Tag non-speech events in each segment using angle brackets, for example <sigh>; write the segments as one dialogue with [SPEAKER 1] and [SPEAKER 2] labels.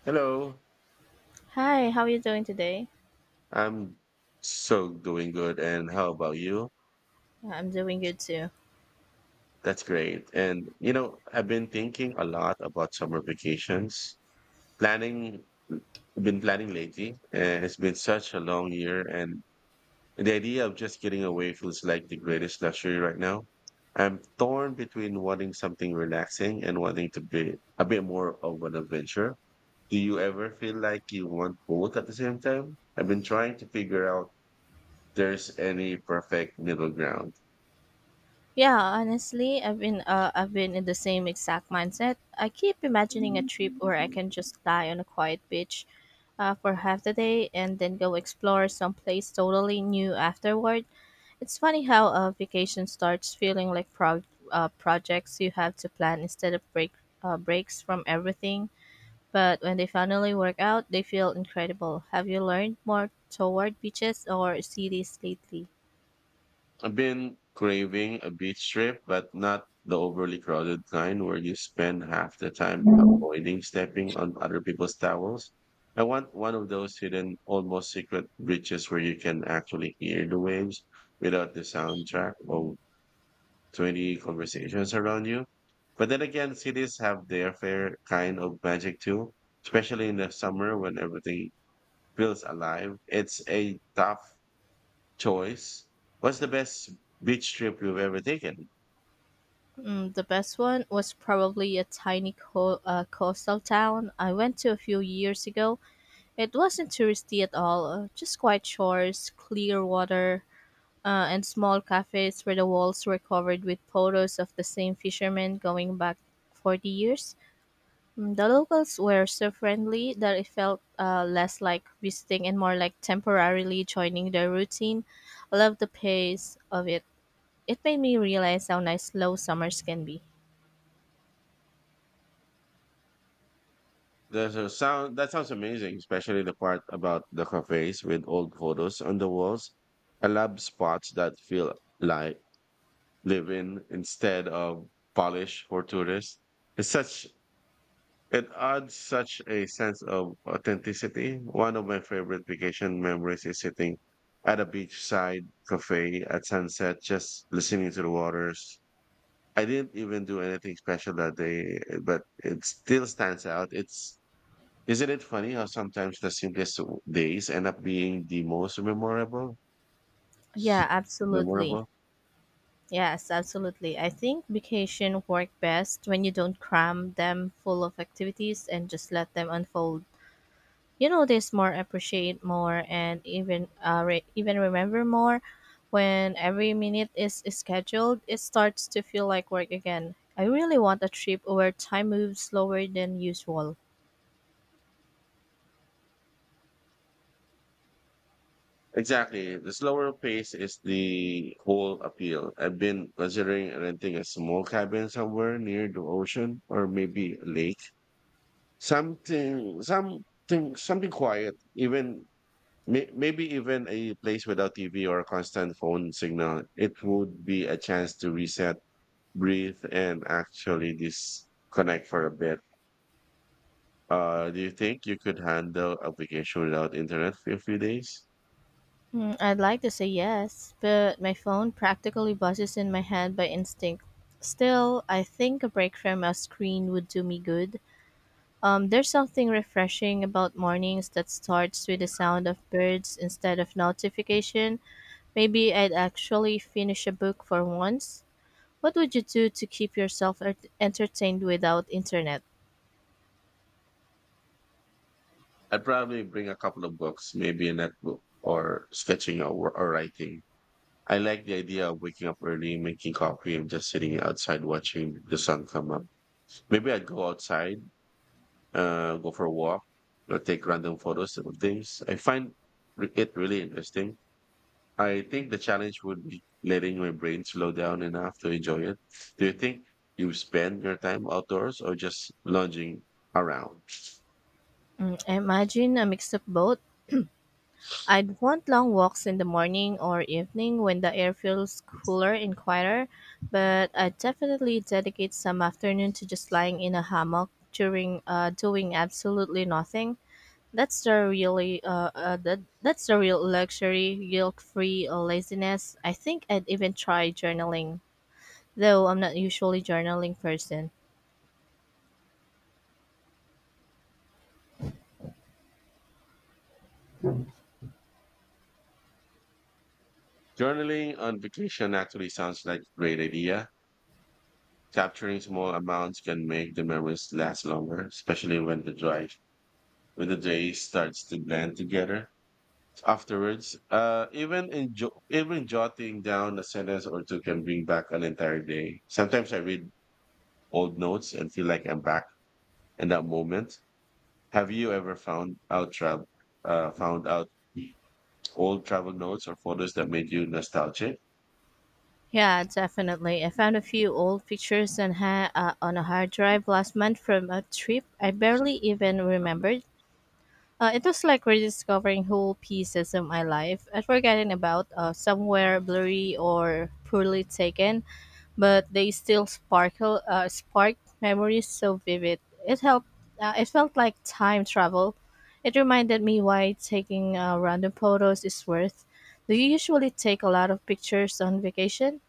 [SPEAKER 1] Hello.
[SPEAKER 2] Hi, how are you doing today?
[SPEAKER 1] I'm so Doing good. And how about you?
[SPEAKER 2] Yeah, I'm doing good too.
[SPEAKER 1] That's great. And, you know, I've been thinking a lot about summer vacations, planning, been planning lately. And it's been such a long year. And the idea of just getting away feels like the greatest luxury right now. I'm torn between wanting something relaxing and wanting to be a bit more of an adventure. Do you ever feel like you want both at the same time? I've been trying to figure out there's any perfect middle ground.
[SPEAKER 2] Yeah, honestly, I've been in the same exact mindset. I keep imagining a trip where I can just lie on a quiet beach for half the day and then go explore someplace totally new afterward. It's funny how a vacation starts feeling like projects you have to plan instead of breaks from everything. But when they finally work out, they feel incredible. Have you learned more toward beaches or cities lately?
[SPEAKER 1] I've been craving a beach trip, but not the overly crowded kind where you spend half the time avoiding stepping on other people's towels. I want one of those hidden, almost secret beaches where you can actually hear the waves without the soundtrack or 20 conversations around you. But then again, cities have their fair kind of magic too, especially in the summer when everything feels alive. It's a tough choice. What's the best beach trip you've ever taken?
[SPEAKER 2] Mm, the best one was probably a tiny coastal town I went to a few years ago. It wasn't touristy at all, just quiet shores, clear water, and small cafes where the walls were covered with photos of the same fishermen going back 40 years. Mm, the locals were so friendly that it felt less like visiting and more like temporarily joining their routine. I love the pace of it. It made me realize how nice slow summers can be.
[SPEAKER 1] There's a sound that sounds amazing, especially the part about the cafes with old photos on the walls. I love spots that feel like live in instead of polish for tourists. It's such it adds such a sense of authenticity. One of my favorite vacation memories is sitting at a beachside cafe at sunset, just listening to the waters. I didn't even do anything special that day, but it still stands out. It's Isn't it funny how sometimes the simplest days end up being the most memorable?
[SPEAKER 2] Yeah, absolutely.
[SPEAKER 1] Memorable.
[SPEAKER 2] Yes, absolutely. I think vacation work best when you don't cram them full of activities and just let them unfold. You notice more, appreciate more, and even remember more. When every minute is scheduled, it starts to feel like work again. I really want a trip where time moves slower than usual.
[SPEAKER 1] Exactly. The slower pace is the whole appeal. I've been considering renting a small cabin somewhere near the ocean or maybe a lake. Something, something, Something quiet. Even maybe even a place without TV or a constant phone signal. It would be a chance to reset, breathe, and actually disconnect for a bit. Do you think you could handle a vacation without internet for a few days?
[SPEAKER 2] Hmm, I'd like to say yes, but my phone practically buzzes in my hand by instinct. Still, I think a break from a screen would do me good. There's something refreshing about mornings that starts with the sound of birds instead of notification. Maybe I'd actually finish a book for once. What would you do to keep yourself entertained without internet?
[SPEAKER 1] I'd probably bring a couple of books, maybe a notebook or sketching or writing. I like the idea of waking up early, making coffee, and just sitting outside watching the sun come up. Maybe I'd go for a walk or take random photos of things. I find it really interesting. I think the challenge would be letting my brain slow down enough to enjoy it. Do you think you spend your time outdoors or just lounging around?
[SPEAKER 2] Mm, I imagine a mix of both. I'd want long walks in the morning or evening when the air feels cooler and quieter, but I'd definitely dedicate some afternoon to just lying in a hammock during doing absolutely nothing. That's the real luxury, guilt-free laziness. I think I'd even try journaling, though I'm not usually journaling person.
[SPEAKER 1] Journaling on vacation actually sounds like a great idea. Capturing small amounts can make the memories last longer, especially when the day starts to blend together afterwards. Even even jotting down a sentence or two can bring back an entire day. Sometimes I read old notes and feel like I'm back in that moment. Have you ever found out old travel notes or photos that made you nostalgic?
[SPEAKER 2] Yeah, definitely. I found a few old pictures on a hard drive last month from a trip I barely even remembered. It was like rediscovering whole pieces of my life I'd forgotten about, somewhere blurry or poorly taken, but they spark memories so vivid. It helped. It felt like time travel. It reminded me why taking random photos is worth. Do you usually take a lot of pictures on vacation?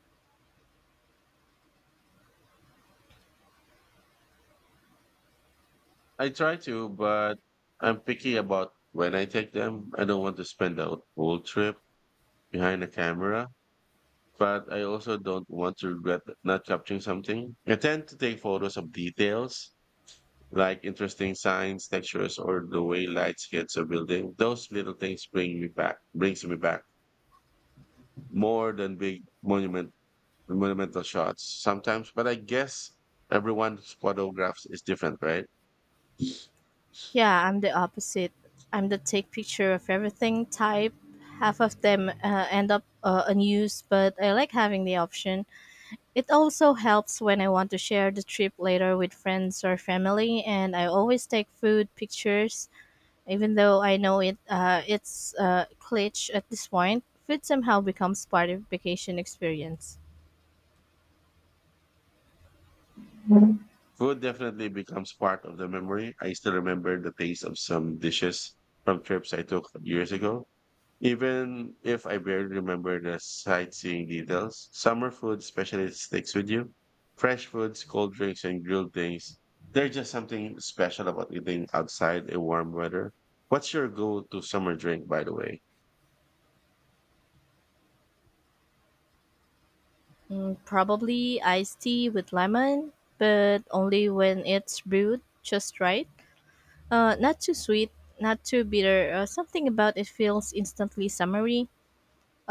[SPEAKER 1] I try to, but I'm picky about when I take them. I don't want to spend the whole trip behind a camera, but I also don't want to regret not capturing something. I tend to take photos of details like interesting signs, textures, or the way lights hits a building. Those little things brings me back more than big monumental shots sometimes, but I guess everyone's photographs is different, right?
[SPEAKER 2] Yeah, I'm the opposite. I'm the take picture of everything type. Half of them end up unused, but I like having the option. It also helps when I want to share the trip later with friends or family, and I always take food pictures, even though I know it's glitch at this point. Food somehow becomes part of vacation experience.
[SPEAKER 1] Food definitely becomes part of the memory. I still remember the taste of some dishes from trips I took years ago, even if I barely remember the sightseeing details. Summer food especially sticks with you. Fresh foods, cold drinks, and grilled things. There's just something special about eating outside in warm weather. What's your go-to summer drink, by the way?
[SPEAKER 2] Mm, probably iced tea with lemon, but only when it's brewed just right. Not too sweet, not too bitter. Something about it feels instantly summery.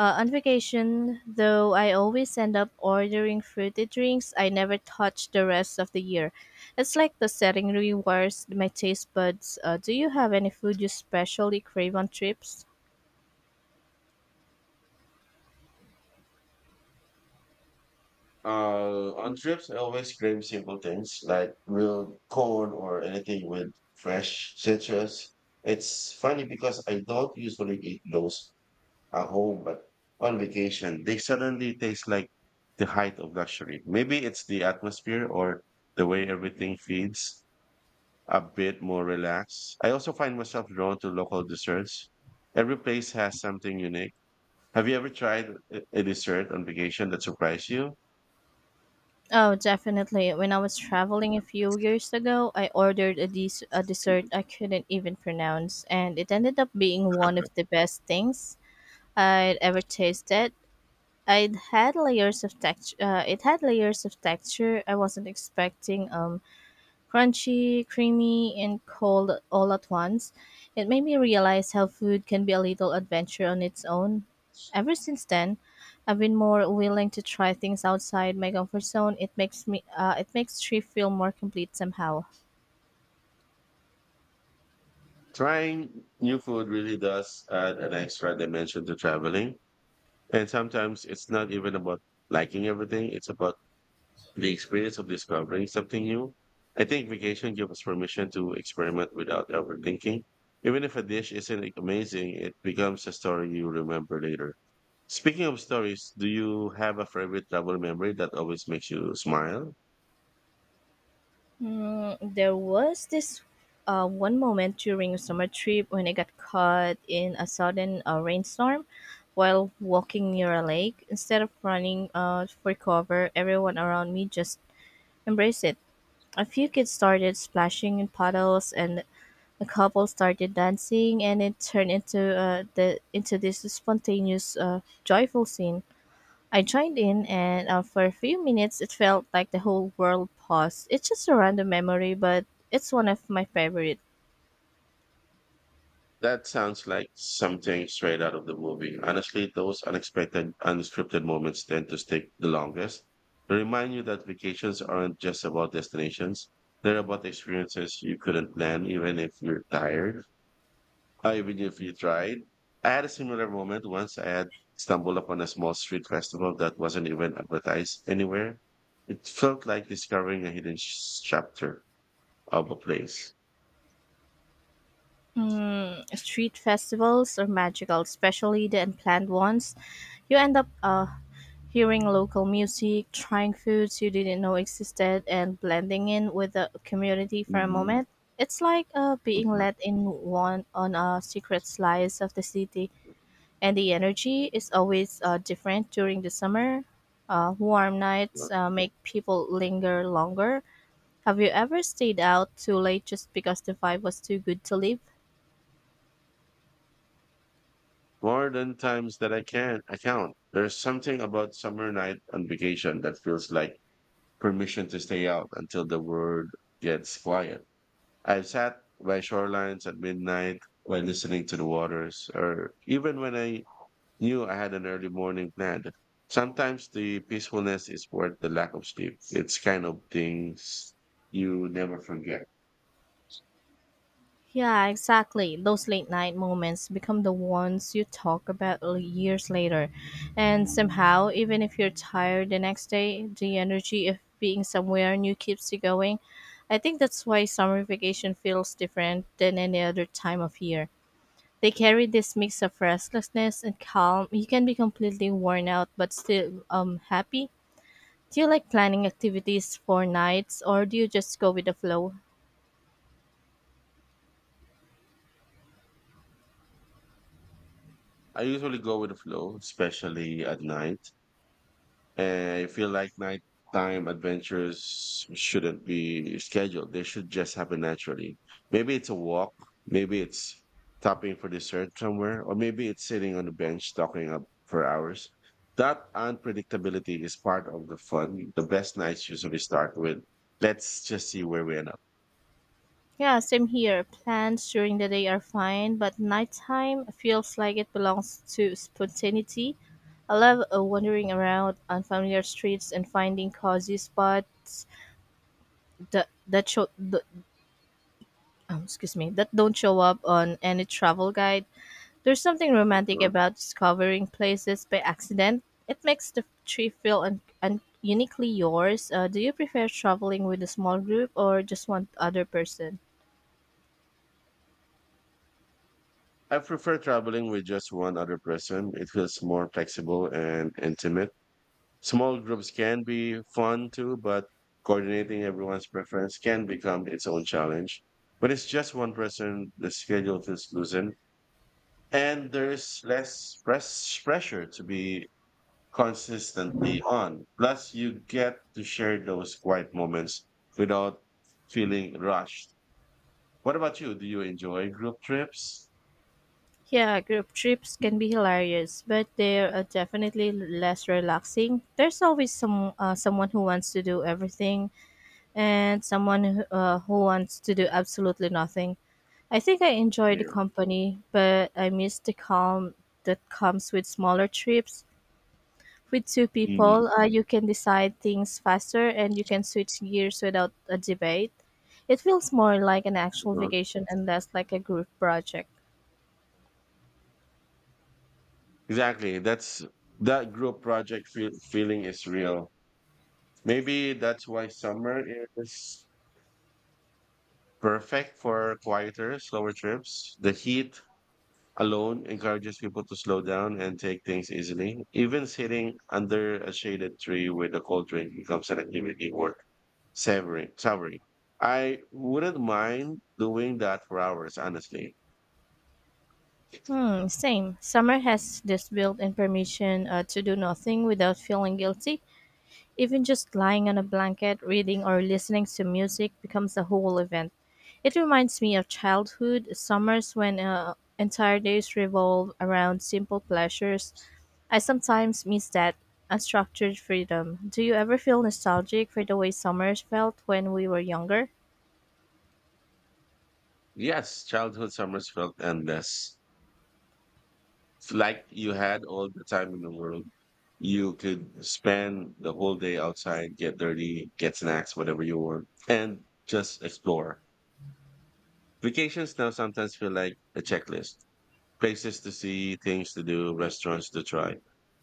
[SPEAKER 2] On vacation, though, I always end up ordering fruity drinks I never touch the rest of the year. It's like the setting rewires my taste buds. Do you have any food you specially crave on trips?
[SPEAKER 1] On trips, I always crave simple things like grilled corn or anything with fresh citrus. It's funny because I don't usually eat those at home, but on vacation, they suddenly taste like the height of luxury. Maybe it's the atmosphere or the way everything feels a bit more relaxed. I also find myself drawn to local desserts. Every place has something unique. Have you ever tried a dessert on vacation that surprised you?
[SPEAKER 2] Oh, definitely. When I was traveling a few years ago, I ordered a dessert I couldn't even pronounce, and it ended up being one of the best things I'd ever tasted. It had layers of texture. It had layers of texture I wasn't expecting. Crunchy, creamy, and cold all at once. It made me realize how food can be a little adventure on its own. Ever since then, I've been more willing to try things outside my comfort zone. It makes me. It makes trip feel more complete somehow.
[SPEAKER 1] Trying new food really does add an extra dimension to traveling. And sometimes it's not even about liking everything, it's about the experience of discovering something new. I think vacation gives us permission to experiment without overthinking. Even if a dish isn't amazing, it becomes a story you remember later. Speaking of stories, do you have a favorite travel memory that always makes you smile?
[SPEAKER 2] Mm, there was this one moment during a summer trip when I got caught in a sudden rainstorm while walking near a lake. Instead of running for cover, everyone around me just embraced it. A few kids started splashing in puddles, and a couple started dancing, and it turned into this spontaneous, joyful scene. I joined in, and for a few minutes, it felt like the whole world paused. It's just a random memory, but it's one of my favorite.
[SPEAKER 1] That sounds like something straight out of the movie. Honestly, those unexpected, unscripted moments tend to stick the longest. They remind you that vacations aren't just about destinations. They're about experiences you couldn't plan, even if you're tired, or even if you tried. I had a similar moment once. I had stumbled upon a small street festival that wasn't even advertised anywhere. It felt like discovering a hidden chapter of a place.
[SPEAKER 2] Mm, street festivals are magical, especially the unplanned ones. You end up hearing local music, trying foods you didn't know existed, and blending in with the community for a
[SPEAKER 1] Mhm.
[SPEAKER 2] moment. It's like being
[SPEAKER 1] Mhm.
[SPEAKER 2] let in one on a secret slice of the city. And the energy is always different during the summer. Warm nights make people linger longer. Have you ever stayed out too late just because the vibe was too good to leave?
[SPEAKER 1] More than times that I can account. There's something about summer night on vacation that feels like permission to stay out until the world gets quiet. I've sat by shorelines at midnight while listening to the waters, or even when I knew I had an early morning plan. Sometimes the peacefulness is worth the lack of sleep. It's kind of things you never forget.
[SPEAKER 2] Yeah, exactly. Those late night moments become the ones you talk about years later. And somehow, even if you're tired the next day, the energy of being somewhere new keeps you going. I think that's why summer vacation feels different than any other time of year. They carry this mix of restlessness and calm. You can be completely worn out but still happy. Do you like planning activities for nights or do you just go with the flow?
[SPEAKER 1] I usually go with the flow, especially at night. And I feel like nighttime adventures shouldn't be scheduled. They should just happen naturally. Maybe it's a walk, maybe it's stopping for dessert somewhere, or maybe it's sitting on the bench talking up for hours. That unpredictability is part of the fun. The best nights usually start with "let's just see where we end up."
[SPEAKER 2] Yeah, same here. Plans during the day are fine, but nighttime feels like it belongs to spontaneity. I love wandering around unfamiliar streets and finding cozy spots that that show the, excuse me that don't show up on any travel guide. There's something romantic about discovering places by accident. It makes the trip feel uniquely yours. Do you prefer traveling with a small group or just one other person?
[SPEAKER 1] I prefer traveling with just one other person. It feels more flexible and intimate. Small groups can be fun too, but coordinating everyone's preference can become its own challenge. When it's just one person, the schedule feels loosened, and there's less pressure to be consistently on. Plus, you get to share those quiet moments without feeling rushed. What about you? Do you enjoy group trips?
[SPEAKER 2] Yeah, group trips can be hilarious, but they're definitely less relaxing. There's always someone who wants to do everything and someone who wants to do absolutely nothing. I think I enjoy the
[SPEAKER 1] Yeah.
[SPEAKER 2] company, but I miss the calm that comes with smaller trips with two
[SPEAKER 1] Mhm.
[SPEAKER 2] people. You can decide things faster and you can switch gears without a debate. It feels more like an actual vacation and less like a group project.
[SPEAKER 1] Exactly. That's that group feeling is real. Maybe that's why summer is perfect for quieter, slower trips. The heat alone encourages people to slow down and take things easily. Even sitting under a shaded tree with a cold drink becomes an activity worth savoring. I wouldn't mind doing that for hours, honestly.
[SPEAKER 2] Hmm, same. Summer has this built in permission to do nothing without feeling guilty. Even just lying on a blanket, reading, or listening to music becomes a whole event. It reminds me of childhood summers when entire days revolve around simple pleasures. I sometimes miss that unstructured freedom. Do you ever feel nostalgic for the way summers felt when we were younger?
[SPEAKER 1] Yes, childhood summers felt endless. It's like you had all the time in the world. You could spend the whole day outside, get dirty, get snacks, whatever you want, and just explore. Vacations now sometimes feel like a checklist: places to see, things to do, restaurants to try.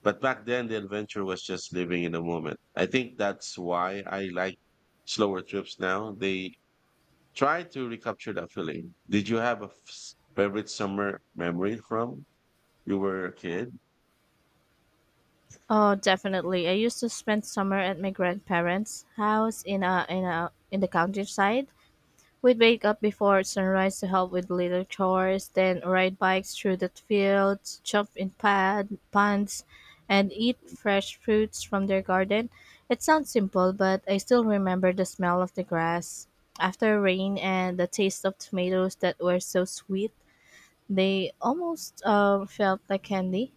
[SPEAKER 1] But back then, the adventure was just living in the moment. I think that's why I like slower trips now. They try to recapture that feeling. Did you have a favorite summer memory from you were a kid?
[SPEAKER 2] Oh, definitely. I used to spend summer at my grandparents' house in the countryside. We'd wake up before sunrise to help with little chores, then ride bikes through the fields, jump in pad, ponds, and eat fresh fruits from their garden. It sounds simple, but I still remember the smell of the grass after rain and the taste of tomatoes that were so sweet. They almost felt like candy.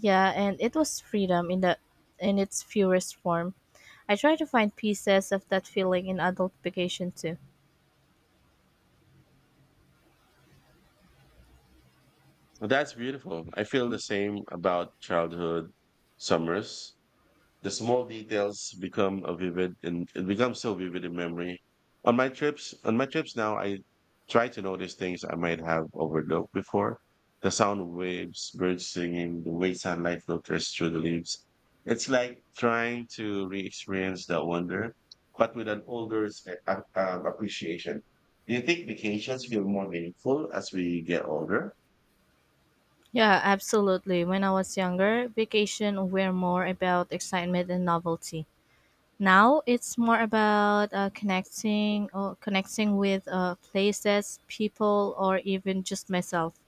[SPEAKER 2] Yeah, and it was freedom in its purest form. I try to find pieces of that feeling in adult vacation too.
[SPEAKER 1] Well, that's beautiful. I feel the same about childhood summers. The small details become a vivid and it becomes so vivid in memory. On my trips now, I try to notice things I might have overlooked before. The sound of waves, birds singing, the way sunlight filters through the leaves. It's like trying to re-experience that wonder, but with an older appreciation. Do you think vacations feel more meaningful as we get older?
[SPEAKER 2] Yeah, absolutely. When I was younger, vacation were more about excitement and novelty. Now it's more about connecting with places, people, or even just myself.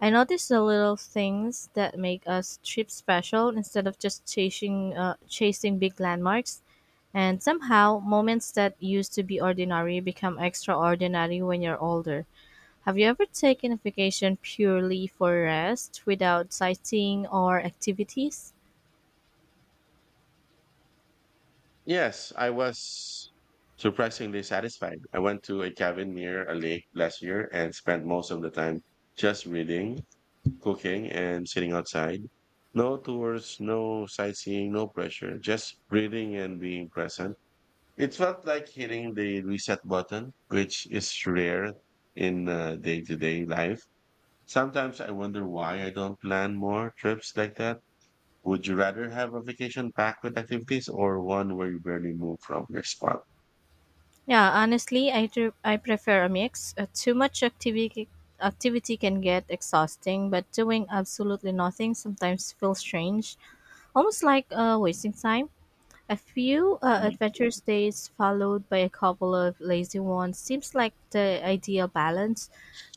[SPEAKER 2] I notice the little things that make a trip special instead of just chasing big landmarks. And somehow, moments that used to be ordinary become extraordinary when you're older. Have you ever taken a vacation purely for rest without sightseeing or activities?
[SPEAKER 1] Yes, I was surprisingly satisfied. I went to a cabin near a lake last year and spent most of the time just reading, cooking, and sitting outside. No tours, no sightseeing, no pressure, just breathing and being present. It felt like hitting the reset button, which is rare in day to day life. Sometimes I wonder why I don't plan more trips like that. Would you rather have a vacation packed with activities or one where you barely move from your spot?
[SPEAKER 2] Yeah, honestly, I prefer a mix. Too much activity Activity can get exhausting, but doing absolutely nothing sometimes feels strange, almost like wasting time. A few adventurous days followed by a couple of lazy ones seems like the ideal balance.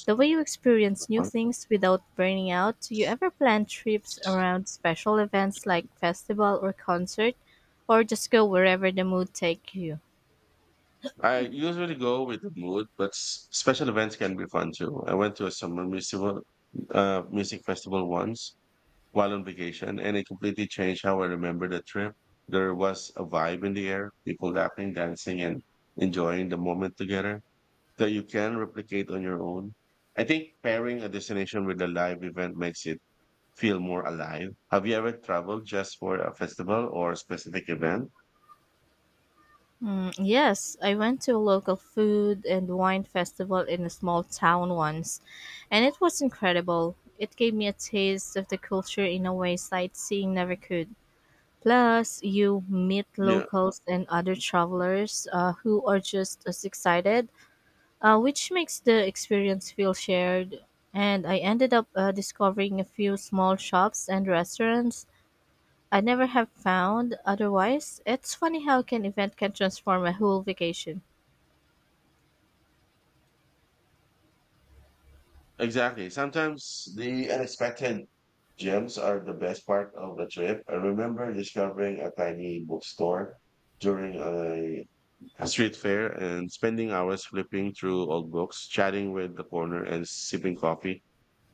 [SPEAKER 2] The way you experience new
[SPEAKER 1] Mhm.
[SPEAKER 2] things without burning out. Do you ever plan trips around special events like festival or concert, or just go wherever the mood take you?
[SPEAKER 1] I usually go with the mood, but special events can be fun too. I went to a summer music festival once, while on vacation, and it completely changed how I remember the trip. There was a vibe in the air, people laughing, dancing, and enjoying the moment together that you can replicate on your own. I think pairing a destination with a live event makes it feel more alive. Have you ever traveled just for a festival or a specific event?
[SPEAKER 2] Mm, yes, I went to a local food and wine festival in a small town once, and it was incredible. It gave me a taste of the culture in a way sightseeing never could. Plus, you meet
[SPEAKER 1] Yeah,
[SPEAKER 2] locals and other travelers who are just as excited, which makes the experience feel shared. And I ended up discovering a few small shops and restaurants I never have found otherwise. It's funny how an event can transform a whole vacation.
[SPEAKER 1] exactly. Sometimes the unexpected gems are the best part of the trip. I remember discovering a tiny bookstore during a street fair, and spending hours flipping through old books, chatting with the corner, and sipping coffee.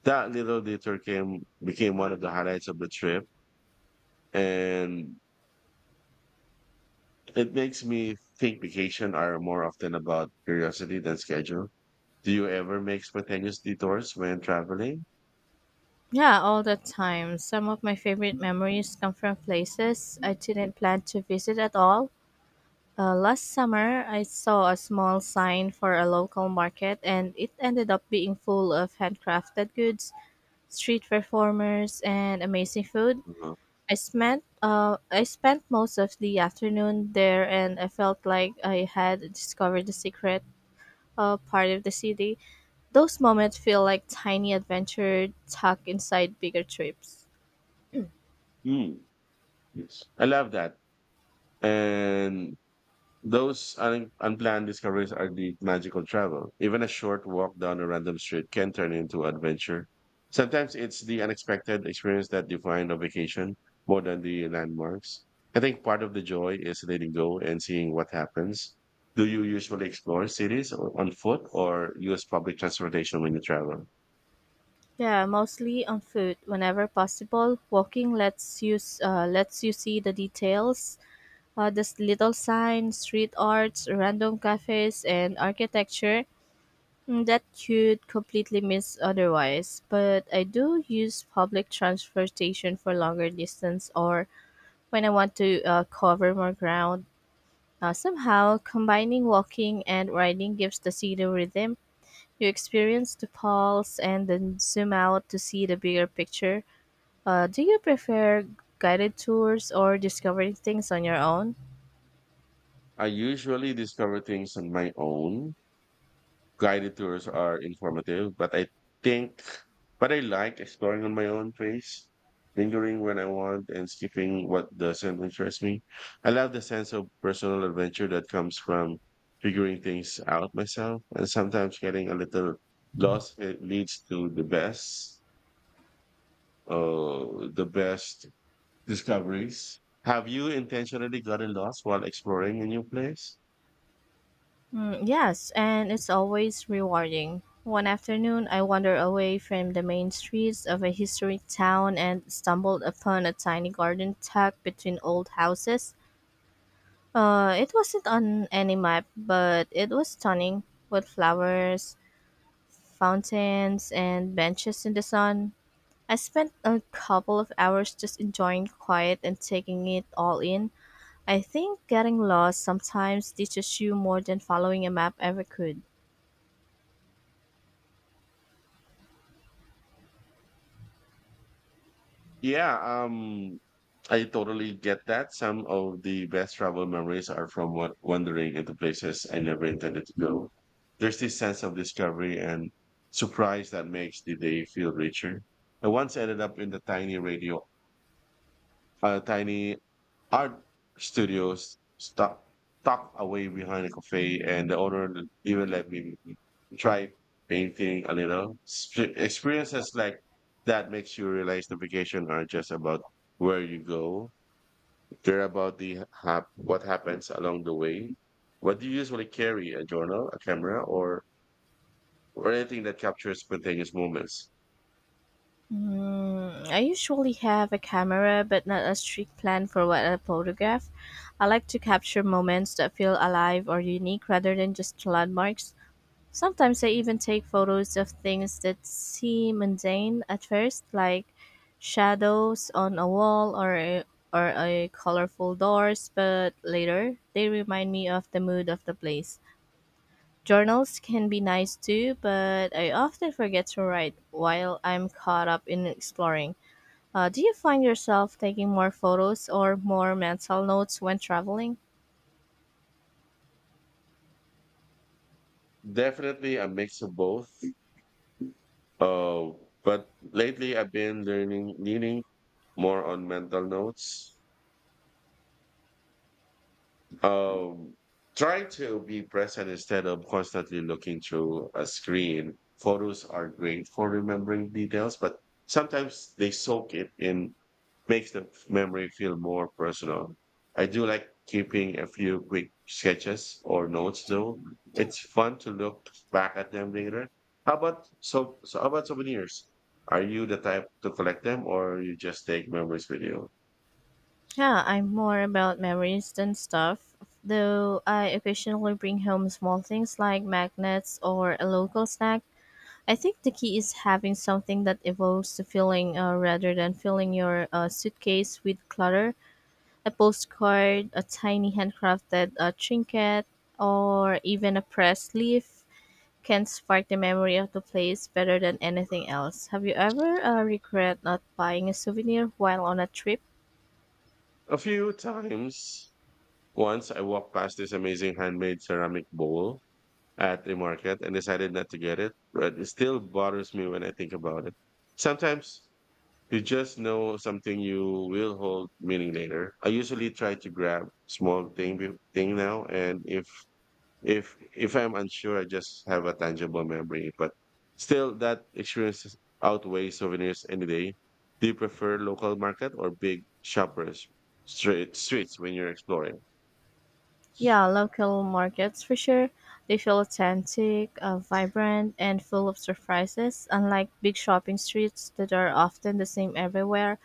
[SPEAKER 1] That little detour came became one of the highlights of the trip, and it makes me think vacation are more often about curiosity than schedule. Do you ever make spontaneous detours when traveling?
[SPEAKER 2] Yeah, all the time. Some of my favorite memories come from places I didn't plan to visit at all. Last summer, I saw a small sign for a local market, and it ended up being full of handcrafted goods, street performers, and amazing food.
[SPEAKER 1] Uh-huh.
[SPEAKER 2] I spent most of the afternoon there, and I felt like I had discovered the secret part of the city. Those moments feel like tiny adventure tucked inside bigger trips.
[SPEAKER 1] Mm. Yes. I love that. And Those unplanned discoveries are the magical travel. Even a short walk down a random street can turn into adventure. Sometimes it's the unexpected experience that define a vacation more than the landmarks. I think part of the joy is letting go and seeing what happens. Do you usually explore cities on foot or use public transportation when you travel?
[SPEAKER 2] Yeah, mostly on food. Whenever possible, walking lets you see the details. This little signs, street arts, random cafes, and architecture that you'd completely miss otherwise. But I do use public transportation for longer distance or when I want to cover more ground. Somehow, combining walking and riding gives the city rhythm. You experience the pulse and then zoom out to see the bigger picture. Do you prefer guided tours or discovering things on your own?
[SPEAKER 1] I usually discover things on my own. Guided tours are informative, but think, but I like exploring on my own pace, lingering when I want and skipping what doesn't interest me. I love the sense of personal adventure that comes from figuring things out myself, and sometimes getting a little lost it leads to the best discoveries. Have you intentionally gotten lost while exploring a new place?
[SPEAKER 2] Mm, yes, and it's always rewarding. One afternoon, I wandered away from the main streets of a historic town and stumbled upon a tiny garden tucked between old houses. It wasn't on any map, but it was stunning, with flowers, fountains, and benches in the sun. I spent a couple of hours just enjoying quiet and taking it all in. I think getting lost sometimes teaches you more than following a map ever could.
[SPEAKER 1] Yeah, I totally get that. Some of the best travel memories are from wandering into places I never intended to go. There's this sense of discovery and surprise that makes the day feel richer. I once ended up in tiny art studios stuck tucked away behind a cafe, and the owner even let me try painting a little. Experiences like that makes you realize the vacation aren't just about where you go; they're about the what happens along the way. What do you usually carry? A journal, a camera, or anything that captures spontaneous moments?
[SPEAKER 2] Mm, I usually have a camera, but not a strict plan for what I photograph. I like to capture moments that feel alive or unique rather than just landmarks. Sometimes I even take photos of things that seem mundane at first, like shadows on a wall or a colorful doors, but later they remind me of the mood of the place. Journals can be nice too, but I often forget to write while I'm caught up in exploring. Do you find yourself taking more photos or more mental notes when traveling?
[SPEAKER 1] Definitely a mix of both. Uh, but lately I've been leaning more on mental notes, um, try to be present instead of constantly looking through a screen. Photos are great for remembering details, but sometimes they soak it in, makes the memory feel more personal. I do like keeping a few quick sketches or notes though. It's fun to look back at them later. How about how about souvenirs? Are you the type to collect them or you just take memories with you?
[SPEAKER 2] Yeah, I'm more about memories than stuff, though I occasionally bring home small things like magnets or a local snack. I think the key is having something that evolves the feeling rather than filling your suitcase with clutter. A postcard, a tiny handcrafted trinket, or even a press leaf can spark the memory of the place better than anything else. Have you ever regret not buying a souvenir while on a trip?
[SPEAKER 1] A few times. Once I walked past this amazing handmade ceramic bowl at a market and decided not to get it, but it still bothers me when I think about it. Sometimes you just know something you will hold meaning later. I usually try to grab small thing now, and if I'm unsure, I just have a tangible memory. But still, that experience outweighs souvenirs any day. Do you prefer local market or big shoppers streets when you're exploring?
[SPEAKER 2] Yeah, local markets for sure. They feel authentic, vibrant, and full of surprises. Unlike big shopping streets that are often the same everywhere,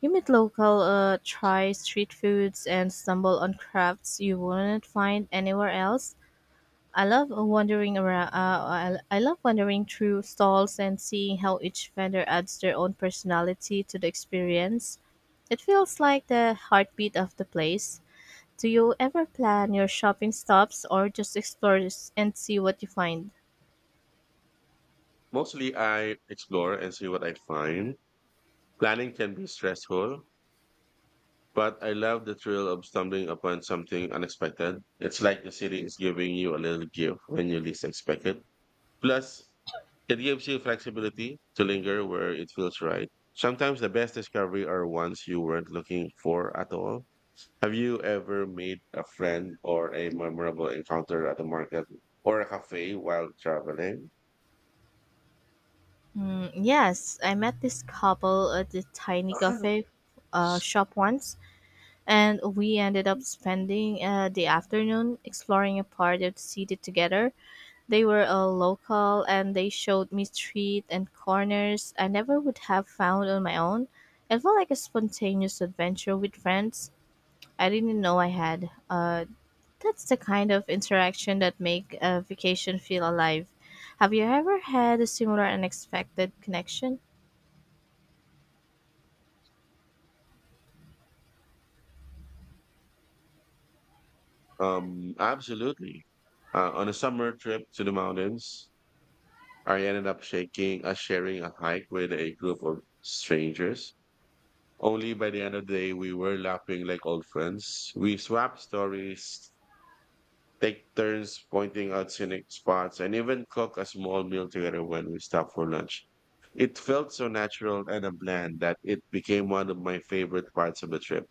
[SPEAKER 2] you meet local, try street foods, and stumble on crafts you wouldn't find anywhere else. I love wandering around. I love wandering through stalls and seeing how each vendor adds their own personality to the experience. It feels like the heartbeat of the place. Do you ever plan your shopping stops or just explore and see what you find?
[SPEAKER 1] Mostly I explore and see what I find. Planning can be stressful, but I love the thrill of stumbling upon something unexpected. It's like the city is giving you a little gift when you least expect it. Plus, it gives you flexibility to linger where it feels right. Sometimes the best discovery are ones you weren't looking for at all. Have you ever made a friend or a memorable encounter at the market or a cafe while traveling?
[SPEAKER 2] Mm, yes, I met this couple at the tiny cafe
[SPEAKER 1] <clears throat>
[SPEAKER 2] shop once, and we ended up spending the afternoon exploring a part of the city together. They were a local and they showed me street and corners I never would have found on my own. It felt like a spontaneous adventure with friends I didn't know I had. That's the kind of interaction that make a vacation feel alive. Have you ever had a similar unexpected connection?
[SPEAKER 1] Absolutely. On a summer trip to the mountains, I ended up sharing a hike with a group of strangers. Only by the end of the day, we were laughing like old friends. We swapped stories, take turns pointing out scenic spots, and even cook a small meal together when we stopped for lunch. It felt so natural and a blend that it became one of my favorite parts of the trip.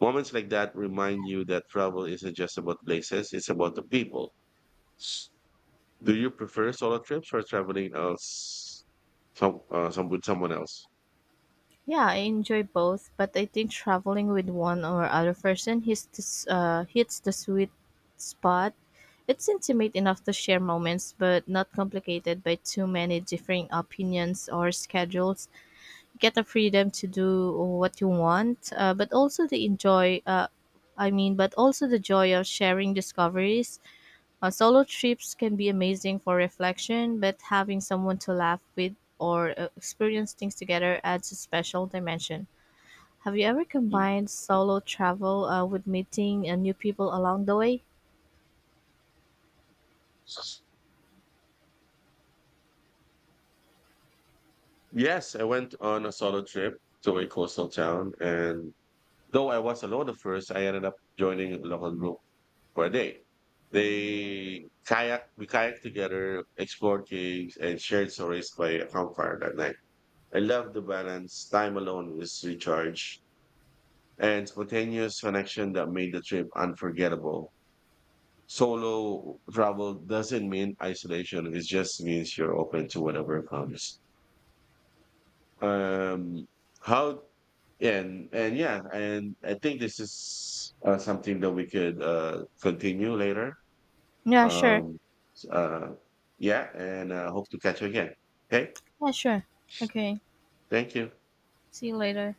[SPEAKER 1] Moments like that remind you that travel isn't just about places, it's about the people. Do you prefer solo trips or traveling some with someone else?
[SPEAKER 2] Yeah, I enjoy both, but I think traveling with one or other person hits the sweet spot. It's intimate enough to share moments, but not complicated by too many differing opinions or schedules. You get the freedom to do what you want, but also the enjoy. But also the joy of sharing discoveries. Solo trips can be amazing for reflection, but having someone to laugh with or experience things together adds a special dimension. Have you ever
[SPEAKER 1] Mm.
[SPEAKER 2] combined solo travel with meeting new people along the way?
[SPEAKER 1] Yes, I went on a solo trip to a coastal town, and though I was alone at first, I ended up joining a local group for a day. We kayak together, explored caves, and shared stories by a campfire that night. I love the balance. Time alone is recharge and spontaneous connection that made the trip unforgettable. Solo travel doesn't mean isolation. It just means you're open to whatever comes. Um, how And yeah, and I think this is something that we could continue later.
[SPEAKER 2] Yeah, sure.
[SPEAKER 1] Um, s- uh, yeah, and I hope to catch you again. Okay,
[SPEAKER 2] Yeah, sure. Okay.
[SPEAKER 1] thank you.
[SPEAKER 2] See you later.